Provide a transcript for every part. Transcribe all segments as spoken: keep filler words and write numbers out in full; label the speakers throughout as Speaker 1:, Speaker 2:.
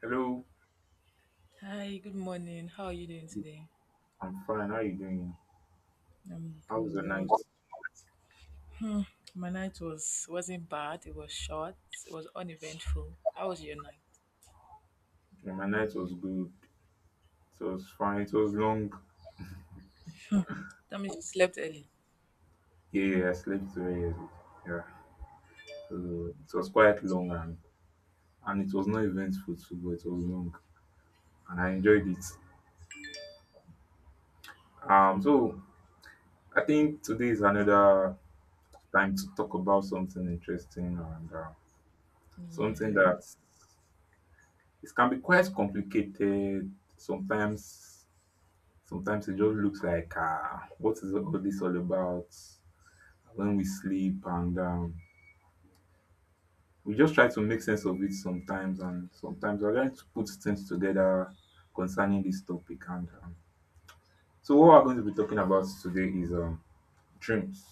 Speaker 1: Hello,
Speaker 2: Hi, good morning. How are you doing today?
Speaker 1: I'm fine. How you doing?
Speaker 2: I'm
Speaker 1: How was your
Speaker 2: good. I was,
Speaker 1: night?
Speaker 2: my night was wasn't bad. It was short. It was uneventful. How was your night?
Speaker 1: Yeah, my night was good. It was fine. It was long.
Speaker 2: Hmm. That means you slept early.
Speaker 1: Yeah, I slept very early. Yeah, so it was quite long and and it was not eventful too, but it was long and I enjoyed it. Um, so I think today is another time to talk about something interesting and uh, something
Speaker 2: Yeah.
Speaker 1: that it can be quite complicated sometimes. Sometimes it just looks like, uh, what is all this all about? When we sleep and um, we just try to make sense of it sometimes, and sometimes we're trying to put things together concerning this topic, and um, so what we're going to be talking about today is um, dreams.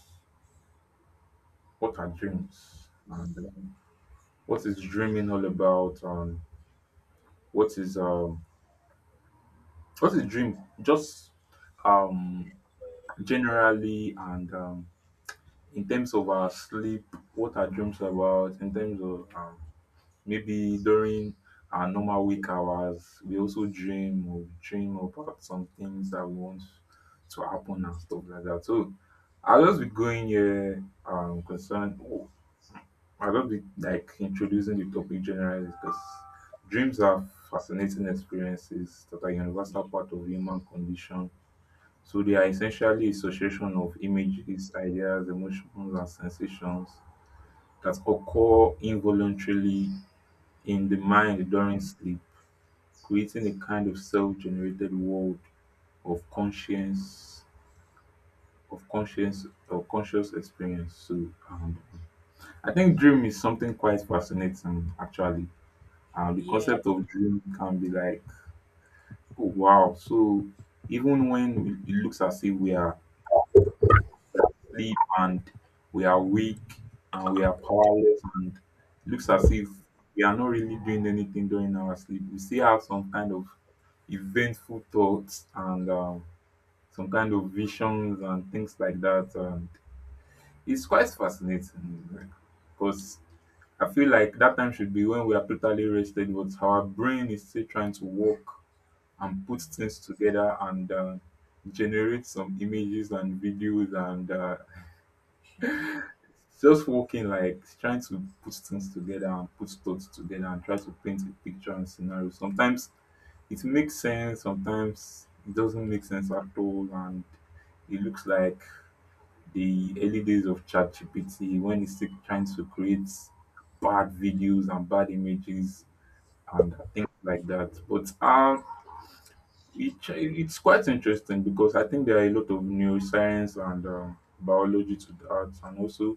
Speaker 1: What are dreams? And um, what is dreaming all about? And what is um, what is dream just um, generally, and um, in terms of our sleep, what are dreams about in terms of um, maybe during our normal week hours? We also dream or dream about some things that we want to happen and stuff like that. So I'll just be going here um concerned I'll just be like introducing the topic generally, because dreams are fascinating experiences that are universal part of human condition. So they are essentially association of images, ideas, emotions and sensations that occur involuntarily in the
Speaker 2: Mm.
Speaker 1: mind during sleep, creating a kind of self-generated world of conscience of conscience or conscious experience. So um, I think dream is something quite fascinating actually. Uh, the
Speaker 2: Yeah.
Speaker 1: concept of dream can be like, oh wow. So even when it looks as if we are we are sleep and we are weak and we are powerless, and it looks as if we are not really doing anything during our sleep, we still have some kind of eventful thoughts and um, some kind of visions and things like that. And it's quite fascinating because I feel like that time should be when we are totally rested, but our brain is still trying to work and put things together and uh, generate some images and videos and uh, just working, like trying to put things together and put thoughts together and try to paint a picture and scenario. Sometimes it makes sense, sometimes it doesn't make
Speaker 2: That's-
Speaker 1: sense at all, and it looks like the early days of ChatGPT when it's still trying to create bad videos and bad images and things like that. But um, it, it's quite interesting because I think there are a lot of neuroscience and um, biology to that, and also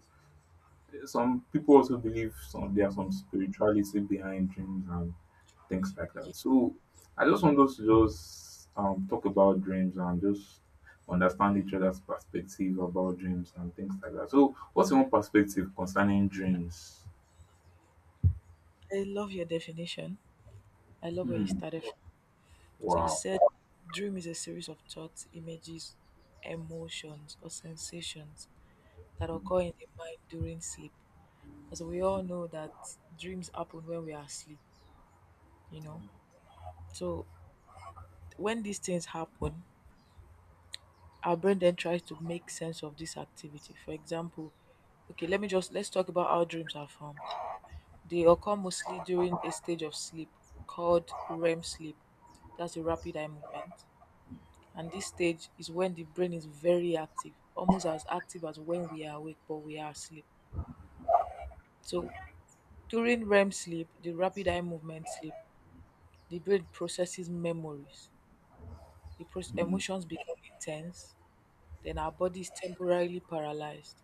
Speaker 1: some people also believe some there are some spirituality behind dreams and things like that. So I just want us to just um talk about dreams and just understand each other's perspective about dreams and things like that. So what's your own perspective concerning dreams?
Speaker 2: you- I love your definition. I love where you
Speaker 1: Hmm.
Speaker 2: started. from. So you
Speaker 1: Wow.
Speaker 2: said dream is a series of thoughts, images, emotions, or sensations that occur in the mind during sleep. As we all know that dreams happen when we are asleep, you know. So when these things happen, our brain then tries to make sense of this activity. For example, okay, let me just let's talk about how dreams are formed. They occur mostly during a stage of sleep called R E M sleep. That's the rapid eye movement. And this stage is when the brain is very active, almost as active as when we are awake, but we are asleep. So during R E M sleep, the rapid eye movement sleep, the brain processes memories. The pro- emotions become intense, then our body is temporarily paralyzed,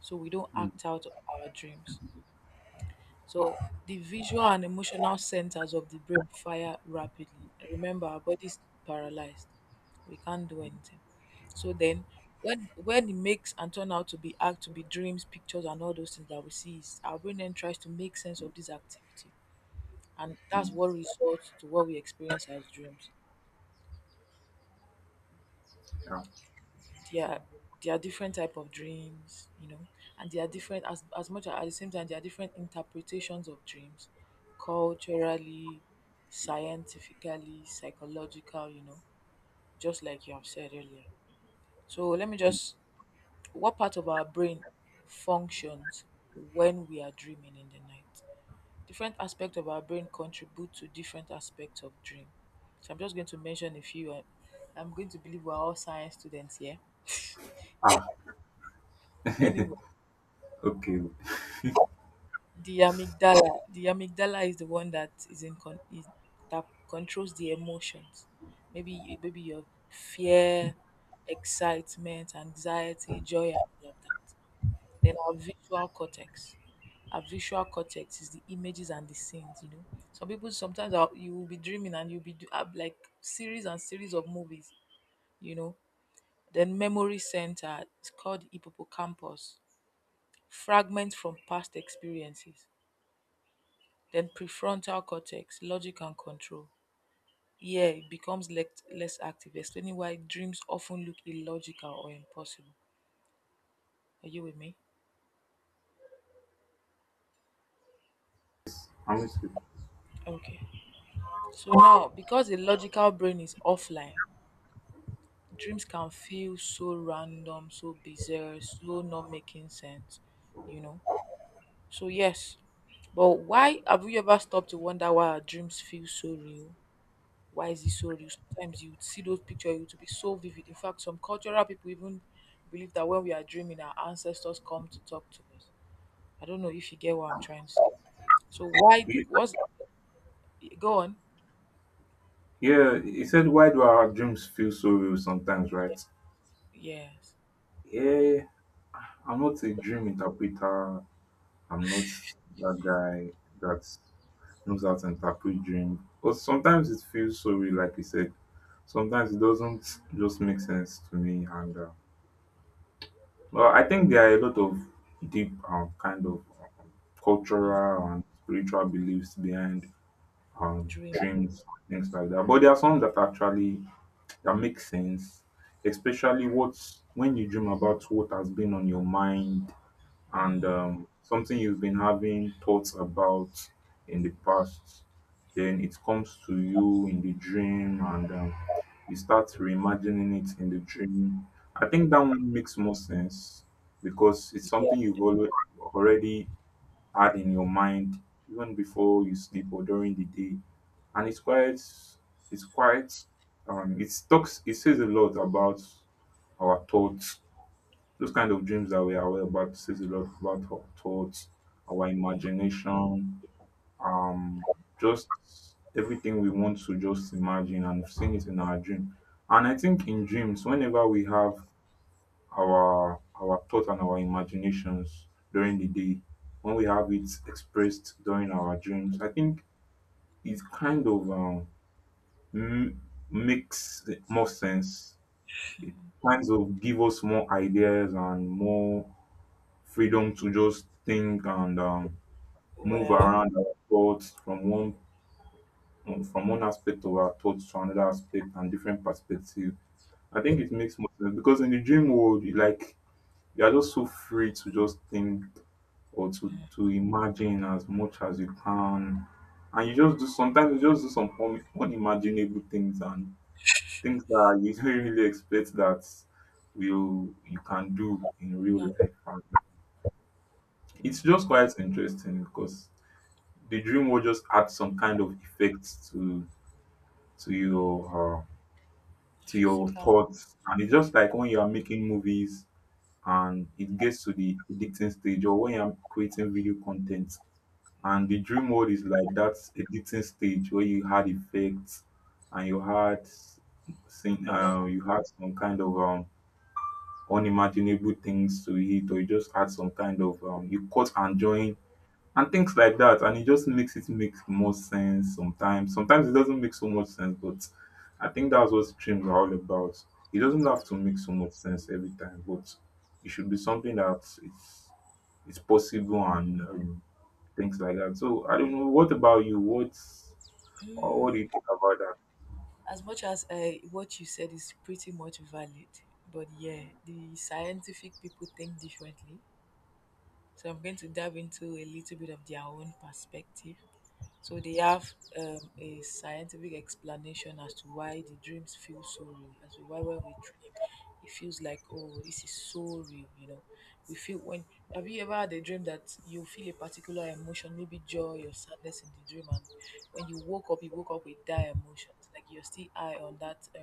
Speaker 2: so we don't
Speaker 1: Hmm.
Speaker 2: act out our dreams. So the visual and emotional centers of the brain fire rapidly. Remember, our body's paralyzed. We can't do anything. So then when when it makes and turn out to be act to be dreams, pictures and all those things that we see, is our brain then tries to make sense of this activity. And that's
Speaker 1: Hmm.
Speaker 2: what results to what we experience as dreams.
Speaker 1: Yeah.
Speaker 2: there are there are different type of dreams, you know, and there are different, as as much as at the same time, there are different interpretations of dreams: culturally, scientifically, psychological, you know, just like you have said earlier. So let me just what part of our brain functions when we are dreaming in the night? Different aspects of our brain contribute to different aspects of dream. So I'm just going to mention a few, and I'm going to believe we're all science students here
Speaker 1: Ah,
Speaker 2: anyway.
Speaker 1: okay.
Speaker 2: The amygdala, the amygdala is the one that is in con- is, that controls the emotions, maybe maybe your fear, excitement, anxiety, joy, and laughter. Then our visual cortex, our visual cortex is the images and the scenes, you know. Some people sometimes are, You will be dreaming and you'll be do, have like series and series of movies, you know. Then memory center, it's called the hippocampus, fragments from past experiences. Then prefrontal cortex, logic and control. Here it becomes less, less active, explaining why dreams often look illogical or impossible. Are you with me?
Speaker 1: I'm
Speaker 2: Okay. So now, because the logical brain is offline, dreams can feel so random, so bizarre, so not making sense, you know? So, yes. But why have we ever stopped to wonder why our dreams feel so real? Why is it so real? Sometimes you would see those pictures, it would be so vivid. In fact, some cultural people even believe that when we are dreaming, our ancestors come to talk to us. I don't know if you get what I'm trying to say. So why do
Speaker 1: Ye-
Speaker 2: what's go on?
Speaker 1: Yeah, he said, why do our dreams feel so real sometimes, right?
Speaker 2: Yes.
Speaker 1: Yeah, I'm not a dream interpreter. I'm not that guy that knows how to interpret dream. But sometimes it feels so real, like you said. Sometimes it doesn't just make sense to me. And uh, well, I think there are a lot of deep um, kind of um, cultural and spiritual beliefs behind um,
Speaker 2: Dream.
Speaker 1: dreams, things like that. But there are some that actually that make sense, especially what's when you dream about what has been on your mind and um, something you've been having thoughts about in the past, then it comes to you in the dream, and um, you start reimagining it in the dream. I think that one makes more sense because it's
Speaker 2: Yeah.
Speaker 1: something you've always already had in your mind even before you sleep or during the day, and it's quite it's quite um, it talks it says a lot about our thoughts. Those kind of dreams that we are aware about says a lot about our thoughts, our imagination, um, just everything we want to just imagine and seeing it in our dream. And I think in dreams, whenever we have our our thoughts and our imaginations during the day, when we have it expressed during our dreams, I think it kind of um, m- makes more sense. It kind of give us more ideas and more freedom to just think and um, move
Speaker 2: Well,
Speaker 1: around our thoughts from one from one aspect of our thoughts to another aspect and different perspective. I think it makes more sense because in the dream world, you like you are just so free to just think or to to imagine as much as you can, and you just do sometimes you just do some un- unimaginable things and things that you don't really expect that will you can do in real life. And it's just quite interesting because the dream will just add some kind of effects to to your uh, to your
Speaker 2: physical
Speaker 1: thoughts, and it's just like when you are making movies and it gets to the editing stage, or when you're creating video content and the dream world is like that editing stage where you had effects and you had seen
Speaker 2: a lot.
Speaker 1: uh, you had some kind of um unimaginable things to it, or you just had some kind of um you cut and join and things like that, and it just makes it make more sense. Sometimes sometimes it doesn't make so much sense, but I think that's what streams are all about. It doesn't have to make so much sense every time, but it should be something that it's it's possible, and um, things like that. So I don't know what about you, what or what do you
Speaker 2: Mm,
Speaker 1: think about that?
Speaker 2: as much as uh, what you said is pretty much valid, but yeah, the scientific people think differently. So I'm going to dive into a little bit of their own perspective. So they have um, a scientific explanation as to why the dreams feel so real, as to why when we dream, it feels like, oh, this is so real. You know, we feel when Have you ever had a dream that you feel a particular emotion, maybe joy or sadness in the dream, and when you woke up, you woke up with that emotion, like you're still high on that? Uh,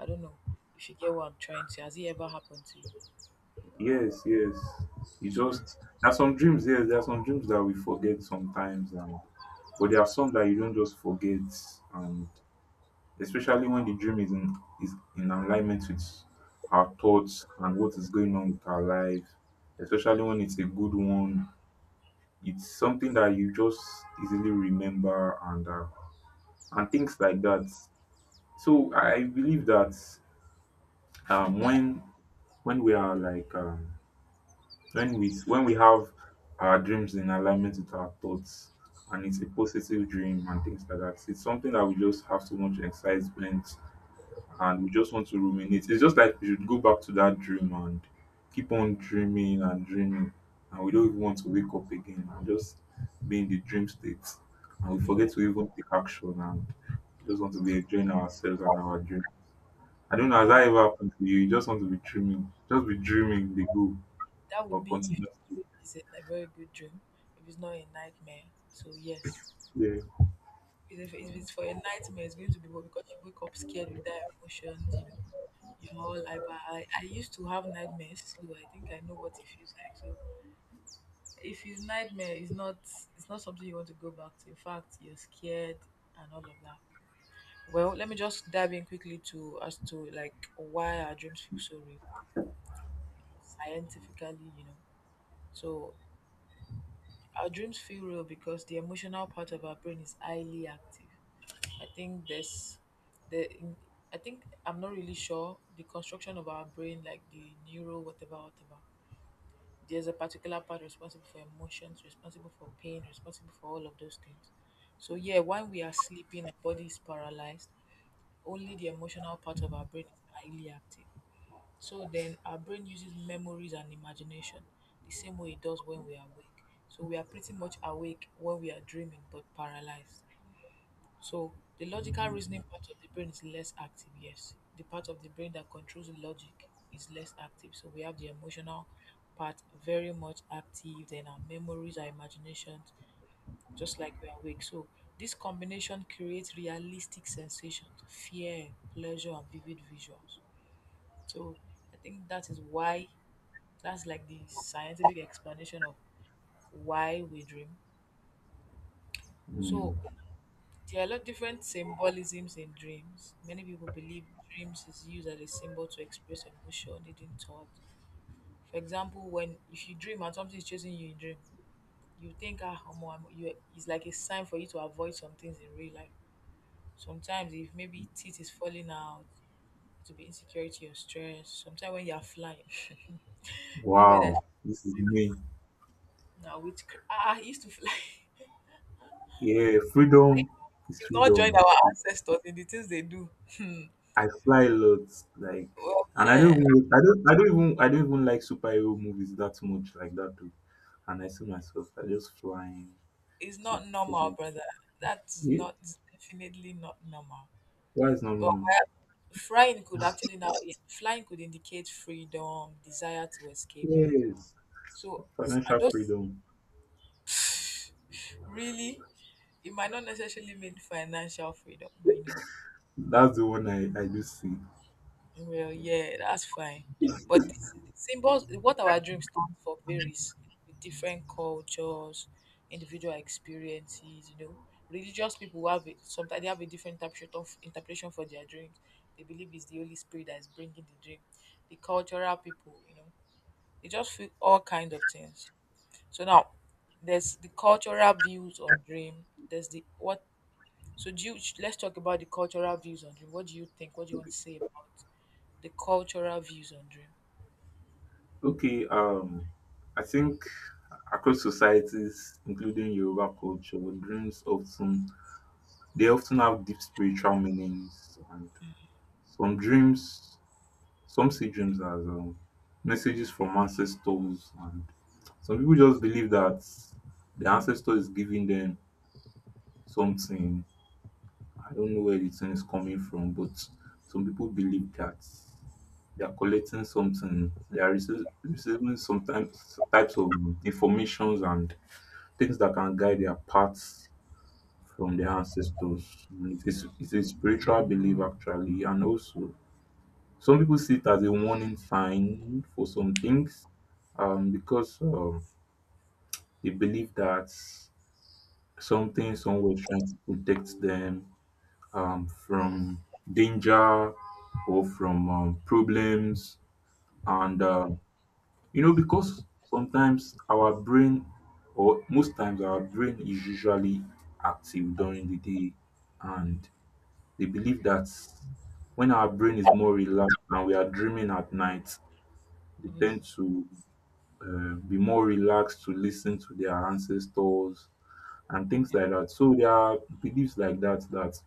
Speaker 2: I don't know if you get what I'm trying to. Has it ever happened to you?
Speaker 1: Yes, yes, you
Speaker 2: So,
Speaker 1: just there are some dreams. Yes, there are some dreams that we forget sometimes, and but there are some that you don't just forget, and especially when the dream is in is in alignment with our thoughts and what is going on with our life, especially when it's a good one. It's something that you just easily remember and uh, and things like that. So I believe that um, when when we are like um, when we when we have our dreams in alignment with our thoughts and it's a positive dream and things like that, it's something that we just have so much excitement, and we just want to ruminate. It's just like we should go back to that dream and keep on dreaming and dreaming, and we don't even want to wake up again and just be in the dream state, and we forget to even take action and just want to be enjoying ourselves and our dream. I don't know, has
Speaker 2: yeah.
Speaker 1: that ever happened to you? You just want to be dreaming, just be dreaming the goal
Speaker 2: That would
Speaker 1: or
Speaker 2: be if the
Speaker 1: continuously.
Speaker 2: dream is a a very good dream, if it's not a nightmare. So yes,
Speaker 1: Yeah.
Speaker 2: if, if it's for a nightmare, it's going to be what, because you wake up scared with that emotions, you know. You're all like, but I, I used to have nightmares, so I think I know what it feels like. So if it's nightmare, it's not it's not something you want to go back to. In fact, you're scared and all of that. Well, let me just dive in quickly to as to like why our dreams feel so real scientifically, you know. So our dreams feel real because the emotional part of our brain is highly active. I think there's the in- I think I'm not really sure the construction of our brain, like the neuro, whatever, whatever. There's a particular part responsible for emotions, responsible for pain, responsible for all of those things. So yeah, while we are sleeping, our body is paralyzed. Only the emotional part of our brain is highly active. So then our brain uses memories and imagination the same way it does when we are awake. So we are pretty much awake when we are dreaming, but paralyzed. So the logical reasoning part of the brain is less active, yes. The part of the brain that controls the logic is less active. So we have the emotional part very much active, then our memories, our imaginations, just like we are awake. So this combination creates realistic sensations, fear, pleasure, and vivid visuals. So I think that is why, that's like the scientific explanation of why we dream.
Speaker 1: Mm.
Speaker 2: So there are a lot of different symbolisms in dreams. Many people believe dreams is used as a symbol to express emotion, hidden thought. For example, when if you dream and something is chasing you in dream, you think, ah omo, I'm, you it's like a sign for you to avoid some things in real life. Sometimes if maybe teeth is falling out, it will be insecurity or stress. Sometimes when you are flying, anybody that
Speaker 1: Wow, this is
Speaker 2: dreams
Speaker 1: me.
Speaker 2: now which ah ah, I used to fly.
Speaker 1: Yeah, freedom is
Speaker 2: You've not joined
Speaker 1: freedom.
Speaker 2: our ancestors in the things they do. Hmm.
Speaker 1: I fly a lot, like,
Speaker 2: Well,
Speaker 1: and I don't
Speaker 2: yeah,
Speaker 1: even, I don't, I don't even, I don't even like superhero movies that much, like that too. And I see myself, I just flying
Speaker 2: it's
Speaker 1: to
Speaker 2: not normal,
Speaker 1: fly.
Speaker 2: brother. That's
Speaker 1: Yeah,
Speaker 2: not It's definitely not normal.
Speaker 1: why is not
Speaker 2: But
Speaker 1: normal?
Speaker 2: flying could actually now flying could indicate freedom, desire to escape. You know,
Speaker 1: Yes,
Speaker 2: so, and
Speaker 1: financial
Speaker 2: those
Speaker 1: freedom.
Speaker 2: really, it might not necessarily mean financial freedom, but you know.
Speaker 1: That's the one I, I do see.
Speaker 2: Well, yeah, that's fine. But this, the symbols, what our dream stands for, varies with different cultures, individual experiences. You know, religious people have it, sometimes they have a different interpretation of interpretation for their dreams. They believe it's the Holy Spirit that is bringing the dream. The cultural people, you know, they just feel all kind of things. So now, there's the cultural views on dream. There's the what. So do you, let's talk about the cultural views on dream. What do you think? What do you want
Speaker 1: Okay.
Speaker 2: to say about the cultural views on dream?
Speaker 1: Okay. Um, I think across societies, including Yoruba culture, dreams often they often have deep spiritual meanings, and some dreams some see dreams as um, messages from ancestors, and some people just believe that the ancestor is giving them something. I don't know where the thing is coming from, but some people believe that they are collecting something, they are rece- receiving sometimes types, types of informations and things that can guide their paths from their ancestors. And it is, it's a spiritual belief, actually, and also some people see it as a warning sign for some things, um, because um, they believe that something somewhere is trying to protect them um, from danger or from um, problems. And, uh, you know, because sometimes our brain, or most times our brain is usually active during the day. And they believe that when our brain is more relaxed and we are dreaming at night, they
Speaker 2: Mm.
Speaker 1: tend to uh, be more relaxed to listen to their ancestors and things like that. So there are beliefs like that that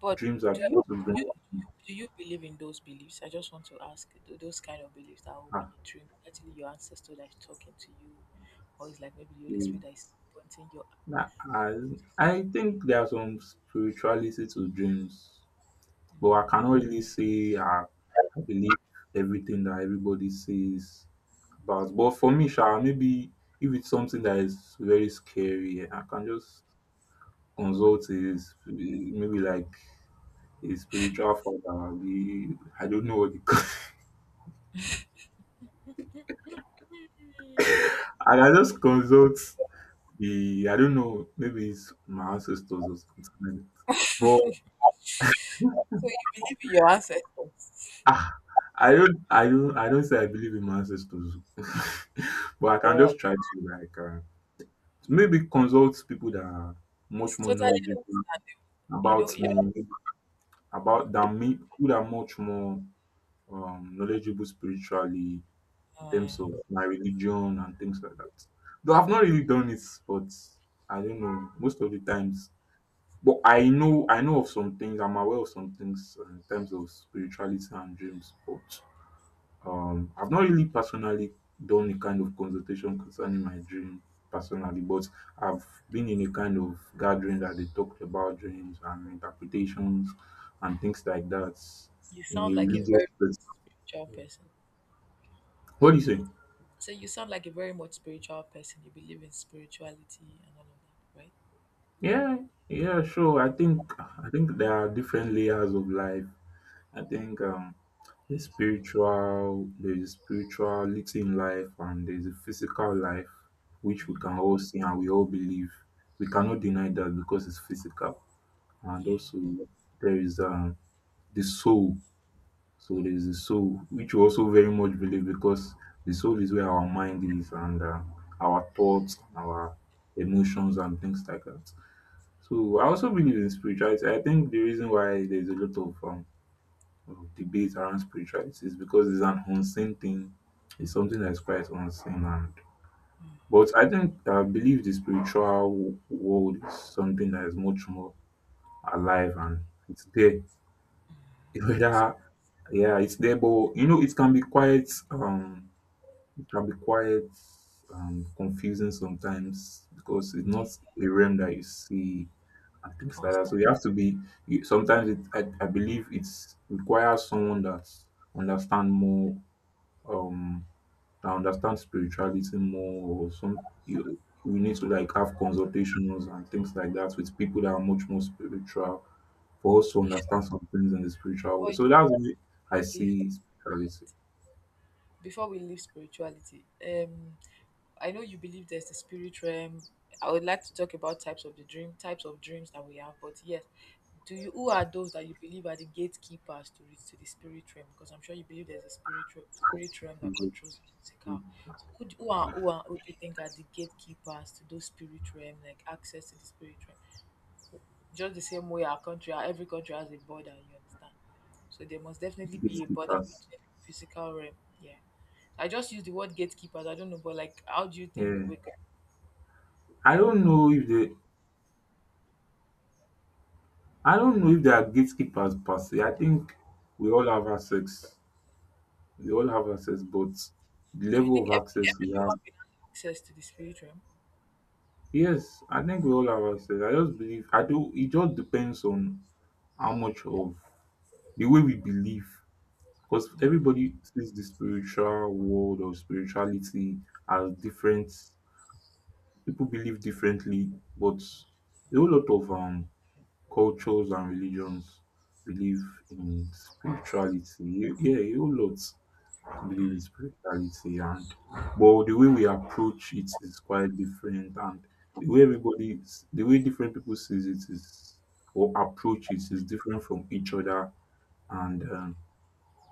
Speaker 2: But
Speaker 1: dreams are
Speaker 2: do you
Speaker 1: trying to bring.
Speaker 2: do you do you believe in those beliefs? I just want to ask th- those kind of beliefs that when
Speaker 1: Ah,
Speaker 2: you dream, actually your ancestor that is talking to you, or it's like maybe the Holy
Speaker 1: eh,
Speaker 2: Spirit that is pointing your.
Speaker 1: na- as- I think there are some spirituality to dreams, but I cannot really say I, I believe everything that everybody says about. But for me, sha, maybe if it's something that is very scary, I can just consult is maybe like a spiritual father, be I don't know what they call and I just consult the I don't know, maybe it's my ancestors or something like that. But
Speaker 2: So you believe in your ancestors,
Speaker 1: ah, I don't I don't I don't say I believe in my ancestors. But I can
Speaker 2: but
Speaker 1: just try to like uh, maybe consult people that are much
Speaker 2: it's
Speaker 1: more
Speaker 2: totally,
Speaker 1: knowledgeable
Speaker 2: you
Speaker 1: about
Speaker 2: know, you
Speaker 1: me about than me, who are much more um knowledgeable spiritually in terms of my religion and things like that. Though I've not really done it, but I don't know most of the times. But I know I know of some things. I'm aware of some things uh, in terms of spirituality and dreams. But um, I've not really personally done a kind of consultation concerning my dream personally. But I've been in a kind of gathering that they talked about dreams and interpretations and things like that
Speaker 2: you
Speaker 1: in a
Speaker 2: sound like a
Speaker 1: religious
Speaker 2: very
Speaker 1: space.
Speaker 2: spiritual person.
Speaker 1: What do you say?
Speaker 2: So you sound like a very much spiritual person. You believe in spirituality and all of that, right?
Speaker 1: Yeah, yeah, sure. I think I think there are different layers of life. I think um there's spiritual there's spirituality in life, and there's a physical life which we can all see and we all believe. We cannot deny that because it's physical. And
Speaker 2: Yeah,
Speaker 1: also there is um the soul. So there's the soul, which we also very much believe, because the soul is where our mind is, and uh, our thoughts, our emotions, and things like that. So I also believe in spirituality. I think the reason why there's a lot of um of debate around spirituality is because it's an unseen thing. It's something that's quite unseen, and but I think I believe the spiritual w- world is something that is much more alive, and it's there.
Speaker 2: that's a
Speaker 1: Whether yeah, it's there, but you know it can be quite um it can be quite um confusing sometimes, because it's not a realm that you see and things like that. So
Speaker 2: constant.
Speaker 1: you have to be. You, sometimes it, I, I believe it's requires someone that understand more, um, that understands spirituality more, or some. You We need to like have consultations and things like that with people that are much more spiritual, for us to
Speaker 2: Before,
Speaker 1: understand some things in the spiritual way.
Speaker 2: before you
Speaker 1: So that's why I
Speaker 2: believe
Speaker 1: see spirituality.
Speaker 2: Before we leave spirituality, um, I know you believe there's the spirit realm. I would like to talk about types of the dream, types of dreams that we have. But yes, do you who are those that you believe are the gatekeepers to reach to the spirit realm? Because I'm sure you believe there's a spiritual spirit realm that
Speaker 1: It's a-
Speaker 2: controls the physical. So who, do- who are who are who do you think are the gatekeepers to those spirit realm, like access to the spirit realm? Just the same way our country, our- every country has a border. You understand? So there must definitely
Speaker 1: it's
Speaker 2: be a border
Speaker 1: gatekeepers.
Speaker 2: between the physical realm. Yeah. I just use the word gatekeepers. I don't know, but like, how do you think
Speaker 1: Yeah,
Speaker 2: we? Could,
Speaker 1: I don't know if they. I don't know if they are gatekeepers per se. I think we all have access we all have access, but the
Speaker 2: so you
Speaker 1: level
Speaker 2: think
Speaker 1: of
Speaker 2: every
Speaker 1: access we
Speaker 2: every
Speaker 1: have.
Speaker 2: human being has access to the spirit realm?
Speaker 1: Yes, I think we all have access. I just believe I do. It just depends on how much of the way we believe, because everybody sees the spiritual world or spirituality as different. People believe differently, but a whole lot of um cultures and religions believe in spirituality. Yeah, a whole lot. I believe it's spirituality, and but the way we approach it is quite different, and the way everybody is- the way different people sees it is or approach it is different from each other, and um,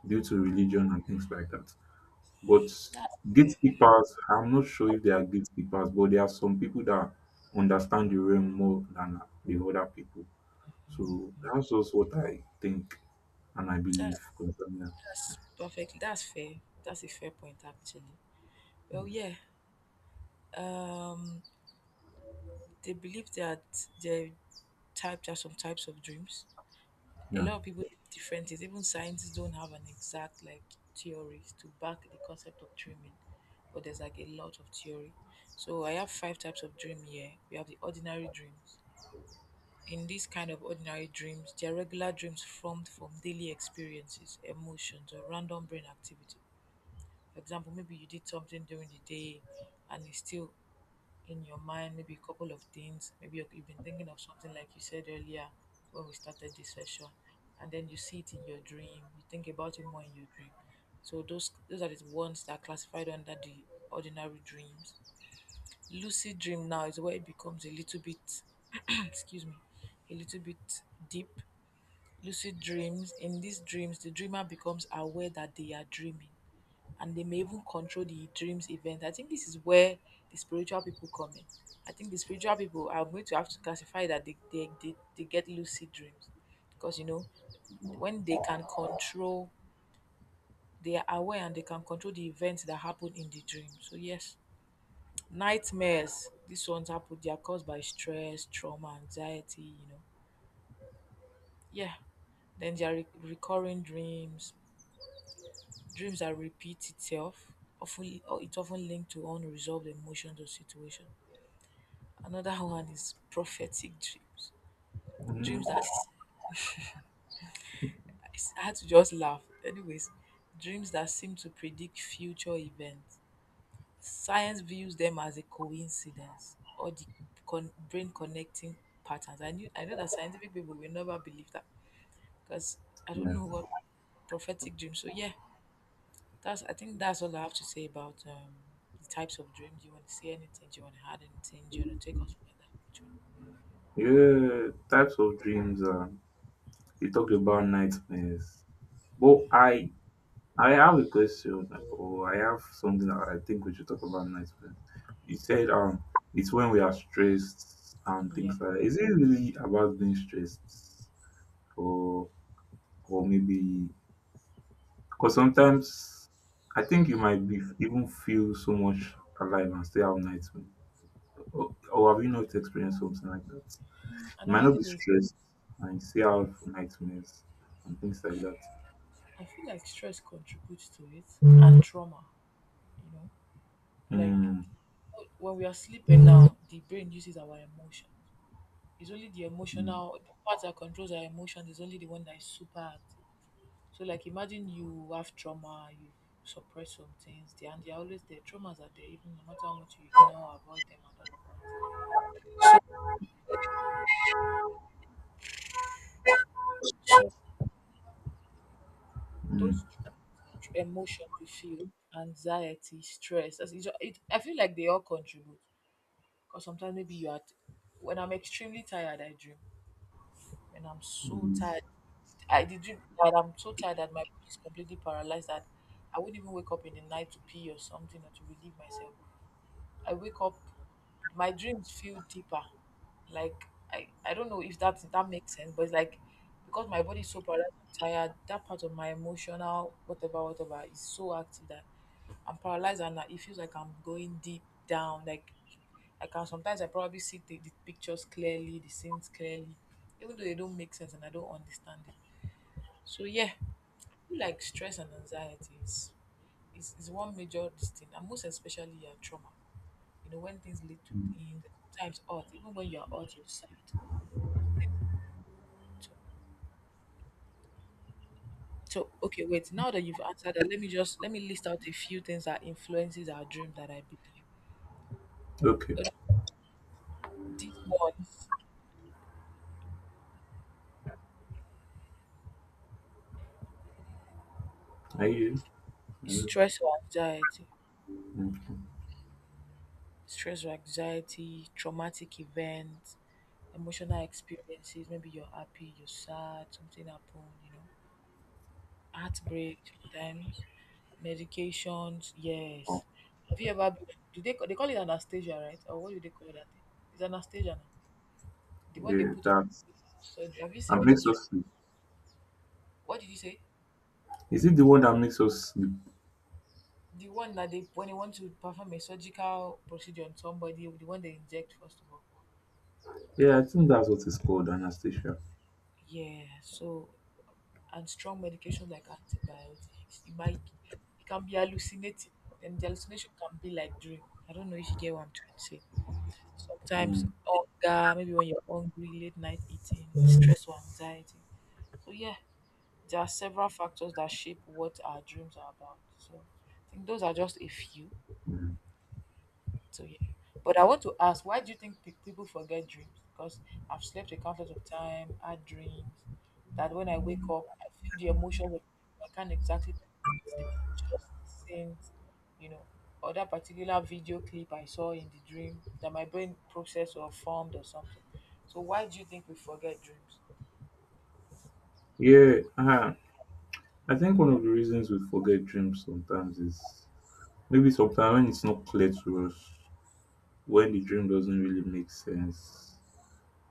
Speaker 1: due to religion and things like that. But
Speaker 2: That's fair.
Speaker 1: gatekeepers, I'm not sure if they are gatekeepers, but there are some people that understand the realm more than the other people. So that's just what I think and I believe
Speaker 2: That's
Speaker 1: concerning that.
Speaker 2: that's perfect. That's fair. That's a fair point, actually. Well,
Speaker 1: Hmm.
Speaker 2: yeah. Um, they believe that there are type there are some types of dreams. A
Speaker 1: Yeah.
Speaker 2: lot of people have differences. Even scientists don't have an exact like theories to back the concept of dreaming, but there's like a lot of theory. So I have five types of dream here. We have the ordinary dreams. In these kind of ordinary dreams, they are regular dreams formed from daily experiences, emotions, or random brain activity. For example, maybe you did something during the day and it's still in your mind, maybe a couple of things. Maybe you- you've been thinking of something like you said earlier when we started this session, and then you see it in your dream, you think about it more in your dream. So those those are the ones that are classified under the ordinary dreams. Lucid dream now is where it becomes a little bit excuse me, a little bit deep. Lucid dreams, in these dreams the dreamer becomes aware that they are dreaming and they may even control the dreams event. I think this is where the spiritual people come in. I think the spiritual people are going to have to classify that they they, they, they get lucid dreams, because you know, when they can control, they are aware and they can control the events that happen in the dream. So yes. Nightmares, these ones happen, they are caused by stress, trauma, anxiety, you know. Yeah. Then there are re- recurring dreams, dreams that repeat itself. Often, or it's often linked to unresolved emotions or situations. Another one is prophetic dreams, dreams
Speaker 1: Mm,
Speaker 2: that— I had to just laugh. Anyways, dreams that seem to predict future events. Science views them as a coincidence or the con- brain connecting patterns. I knew I know that scientific people will never believe that, because I don't
Speaker 1: yeah.
Speaker 2: know what— prophetic dreams. So yeah, that's— I think that's all I have to say about um, the types of dreams. Do you want to say anything? Do you want to add anything? Do you want to take us further? Which one?
Speaker 1: Yeah, types of dreams. Um, you talked about nightmares, but I I have a question, or I have something that I think we should talk about nightmares. You said um, it's when we are stressed and
Speaker 2: Yeah.
Speaker 1: things like that. Is it really about being stressed, or or maybe because sometimes I think you might be even feel so much alive and still have nightmares, or, or have you not experienced something like that? You might
Speaker 2: Another
Speaker 1: not be
Speaker 2: thing is,
Speaker 1: stressed and you still have nightmares and things like that.
Speaker 2: I feel like stress contributes to it and trauma, you know? Like,
Speaker 1: Mm,
Speaker 2: when we are sleeping now, the brain uses our emotion. It's only the emotional— the part that controls our emotions is only the one that is super active. So like, imagine you have trauma, you suppress some things, they— and they're always there. Traumas are there, even no matter how much you ignore, avoid them and all of that. So
Speaker 1: mm,
Speaker 2: those emotions you feel, anxiety, stress, as it, it, I feel like they all contribute. Because sometimes maybe you are, t- when I'm extremely tired, I dream. And I'm so
Speaker 1: mm.
Speaker 2: tired. I did dream that I'm so tired that my body is completely paralyzed, that I would not even wake up in the night to pee or something or to relieve myself. I wake up, my dreams feel deeper. Like, I, I don't know if that that makes sense, but it's like because my body is so paralyzed and tired, that part of my emotional whatever, whatever is so active, that I'm paralyzed and it feels like I'm going deep down. Like, I can sometimes— I probably see the, the pictures clearly, the scenes clearly, even though they don't make sense and I don't understand it. So yeah, I feel like stress and anxiety is— is, is one major this thing, and most especially yeah, trauma. You know, when things lead to things, sometimes hurt, even when you're hurt, you decide to. So, okay, wait, now that you've answered that, let me just— let me list out a few things that influences our dream that I believe.
Speaker 1: Okay.
Speaker 2: Uh, These ones,
Speaker 1: Are you? Are you?
Speaker 2: stress or anxiety—
Speaker 1: Okay.
Speaker 2: stress or anxiety, traumatic events, emotional experiences, maybe you're happy, you're sad, something happened, you know, heartbreak times, medications,
Speaker 1: Oh,
Speaker 2: yes. Have you ever been— do they, they call it anesthesia, right? Or what do they call that thing? It's anesthesia now. The one they
Speaker 1: yeah,
Speaker 2: put on.
Speaker 1: that's
Speaker 2: So have you seen
Speaker 1: that makes
Speaker 2: people's—
Speaker 1: us sleep.
Speaker 2: what did you say?
Speaker 1: Is it the one that makes us sleep?
Speaker 2: The one that they— when they want to perform a surgical procedure on somebody, the one they inject first of all.
Speaker 1: Yeah, I think that's what it's called, Anastasia.
Speaker 2: Yeah, so, and strong medications like antibiotics, it might— it can be hallucinating. And the hallucination can be like dream. I don't know if you get what I'm trying to say. Sometimes
Speaker 1: Mm.
Speaker 2: hunger, maybe when you're hungry, late night eating, stress or anxiety. So yeah, there are several factors that shape what our dreams are about. So I think those are just a few.
Speaker 1: Mm.
Speaker 2: So yeah. But I want to ask, why do you think pe- people forget dreams? Because I've slept a countless of time, had dreams that when I wake up, I feel the emotions. Of— I can't exactly pinpoint the pictures, the scenes, you know, or that particular video clip I saw in the dream that my brain processed or formed or something. So why do you think we forget dreams?
Speaker 1: Yeah, uh, I think one of the reasons we forget dreams sometimes is maybe sometimes when it's not clear to us, when the dream doesn't really make sense,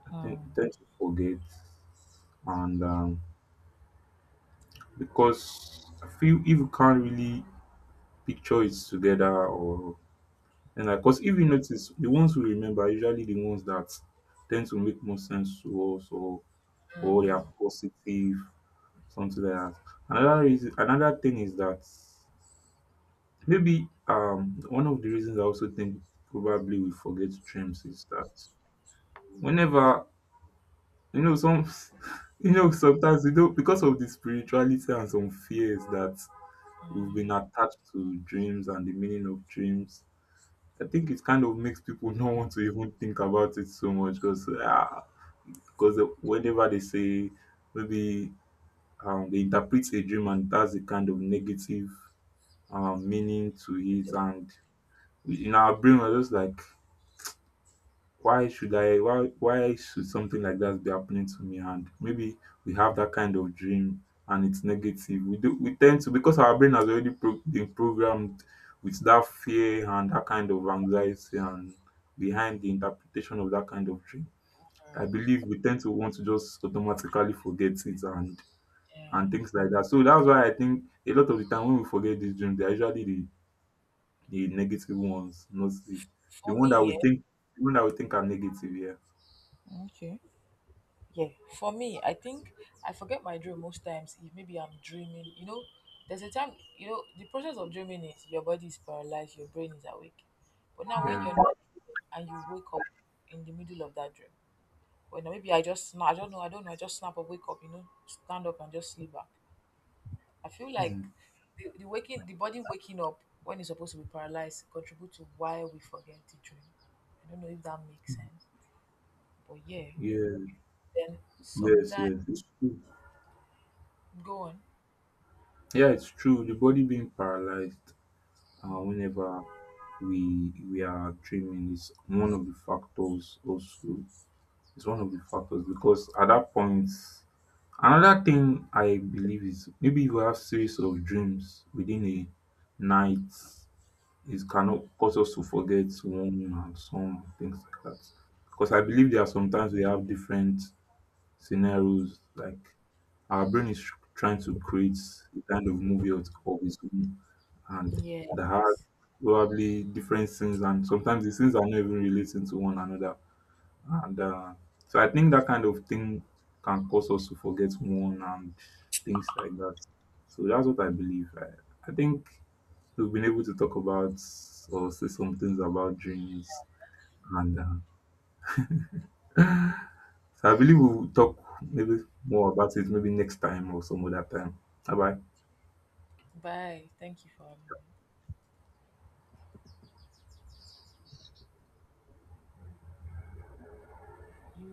Speaker 1: I think we
Speaker 2: Um.
Speaker 1: tend to forget. And um, because I feel if you can't really picture it together, or and like, because if you notice, the ones we remember are usually the ones that tend to make more sense to us, or or they are positive, something like that. Another reason, another thing is that maybe um one of the reasons I also think probably we forget dreams is that whenever you know some you know sometimes we don't, because of the spirituality and some fears that we've been attached to dreams and the meaning of dreams. I think it kind of makes people not want to even think about it so much, because because whenever they say maybe um, they interpret a dream and that's a kind of negative um, meaning to it, and in our brain we're just like, why should I why why should something like that be happening to me? And maybe we have that kind of dream and it's negative. We do we tend to, because our brain has already pro- been programmed with that fear and that kind of anxiety and behind the interpretation of that kind of dream. I believe we tend to want to just automatically forget it and
Speaker 2: Yeah.
Speaker 1: and things like that. So that's why I think a lot of the time when we forget these dreams, they're usually the, the negative ones, not the the
Speaker 2: For
Speaker 1: one that we
Speaker 2: me,
Speaker 1: think the one that we think are negative, yeah.
Speaker 2: yeah, okay. Yeah, for me, I think I forget my dream most times if maybe I'm dreaming. You know, there's a time, you know, the process of dreaming is your body is paralyzed, your brain is awake. But now when you're
Speaker 1: Yeah.
Speaker 2: not and you wake up in the middle of that dream, well, now maybe I just, sna- I don't know, I don't know, I just snap up, wake up, you know, stand up and just sleep back. I feel like
Speaker 1: Mm.
Speaker 2: the, the waking, the body waking up when it's supposed to be paralyzed contribute to why we forget the dream. I don't know if that makes sense, but yeah.
Speaker 1: Yes,
Speaker 2: Then
Speaker 1: yes,
Speaker 2: sometimes,
Speaker 1: yes. It's true.
Speaker 2: go on.
Speaker 1: Yeah, it's true. The body being paralyzed uh, whenever we we are trimming is one of the factors also. It's one of the factors because at that point, another thing I believe is maybe if you have series of dreams within a night, it cannot cause us to forget one and some things like that. Because I believe there are sometimes we have different scenarios like our brain is trying to create a kind of movie of of its own, and
Speaker 2: Yes.
Speaker 1: that has probably different scenes, and sometimes the scenes are not even relating to one another. And uh, so I think that kind of thing can cause us to forget one and things like that. So that's what I believe. I, I think we've been able to talk about or say some things about dreams and uh, so I believe we'll talk maybe more about it maybe next time or some other time. Bye bye.
Speaker 2: Bye. Thank you for having me. You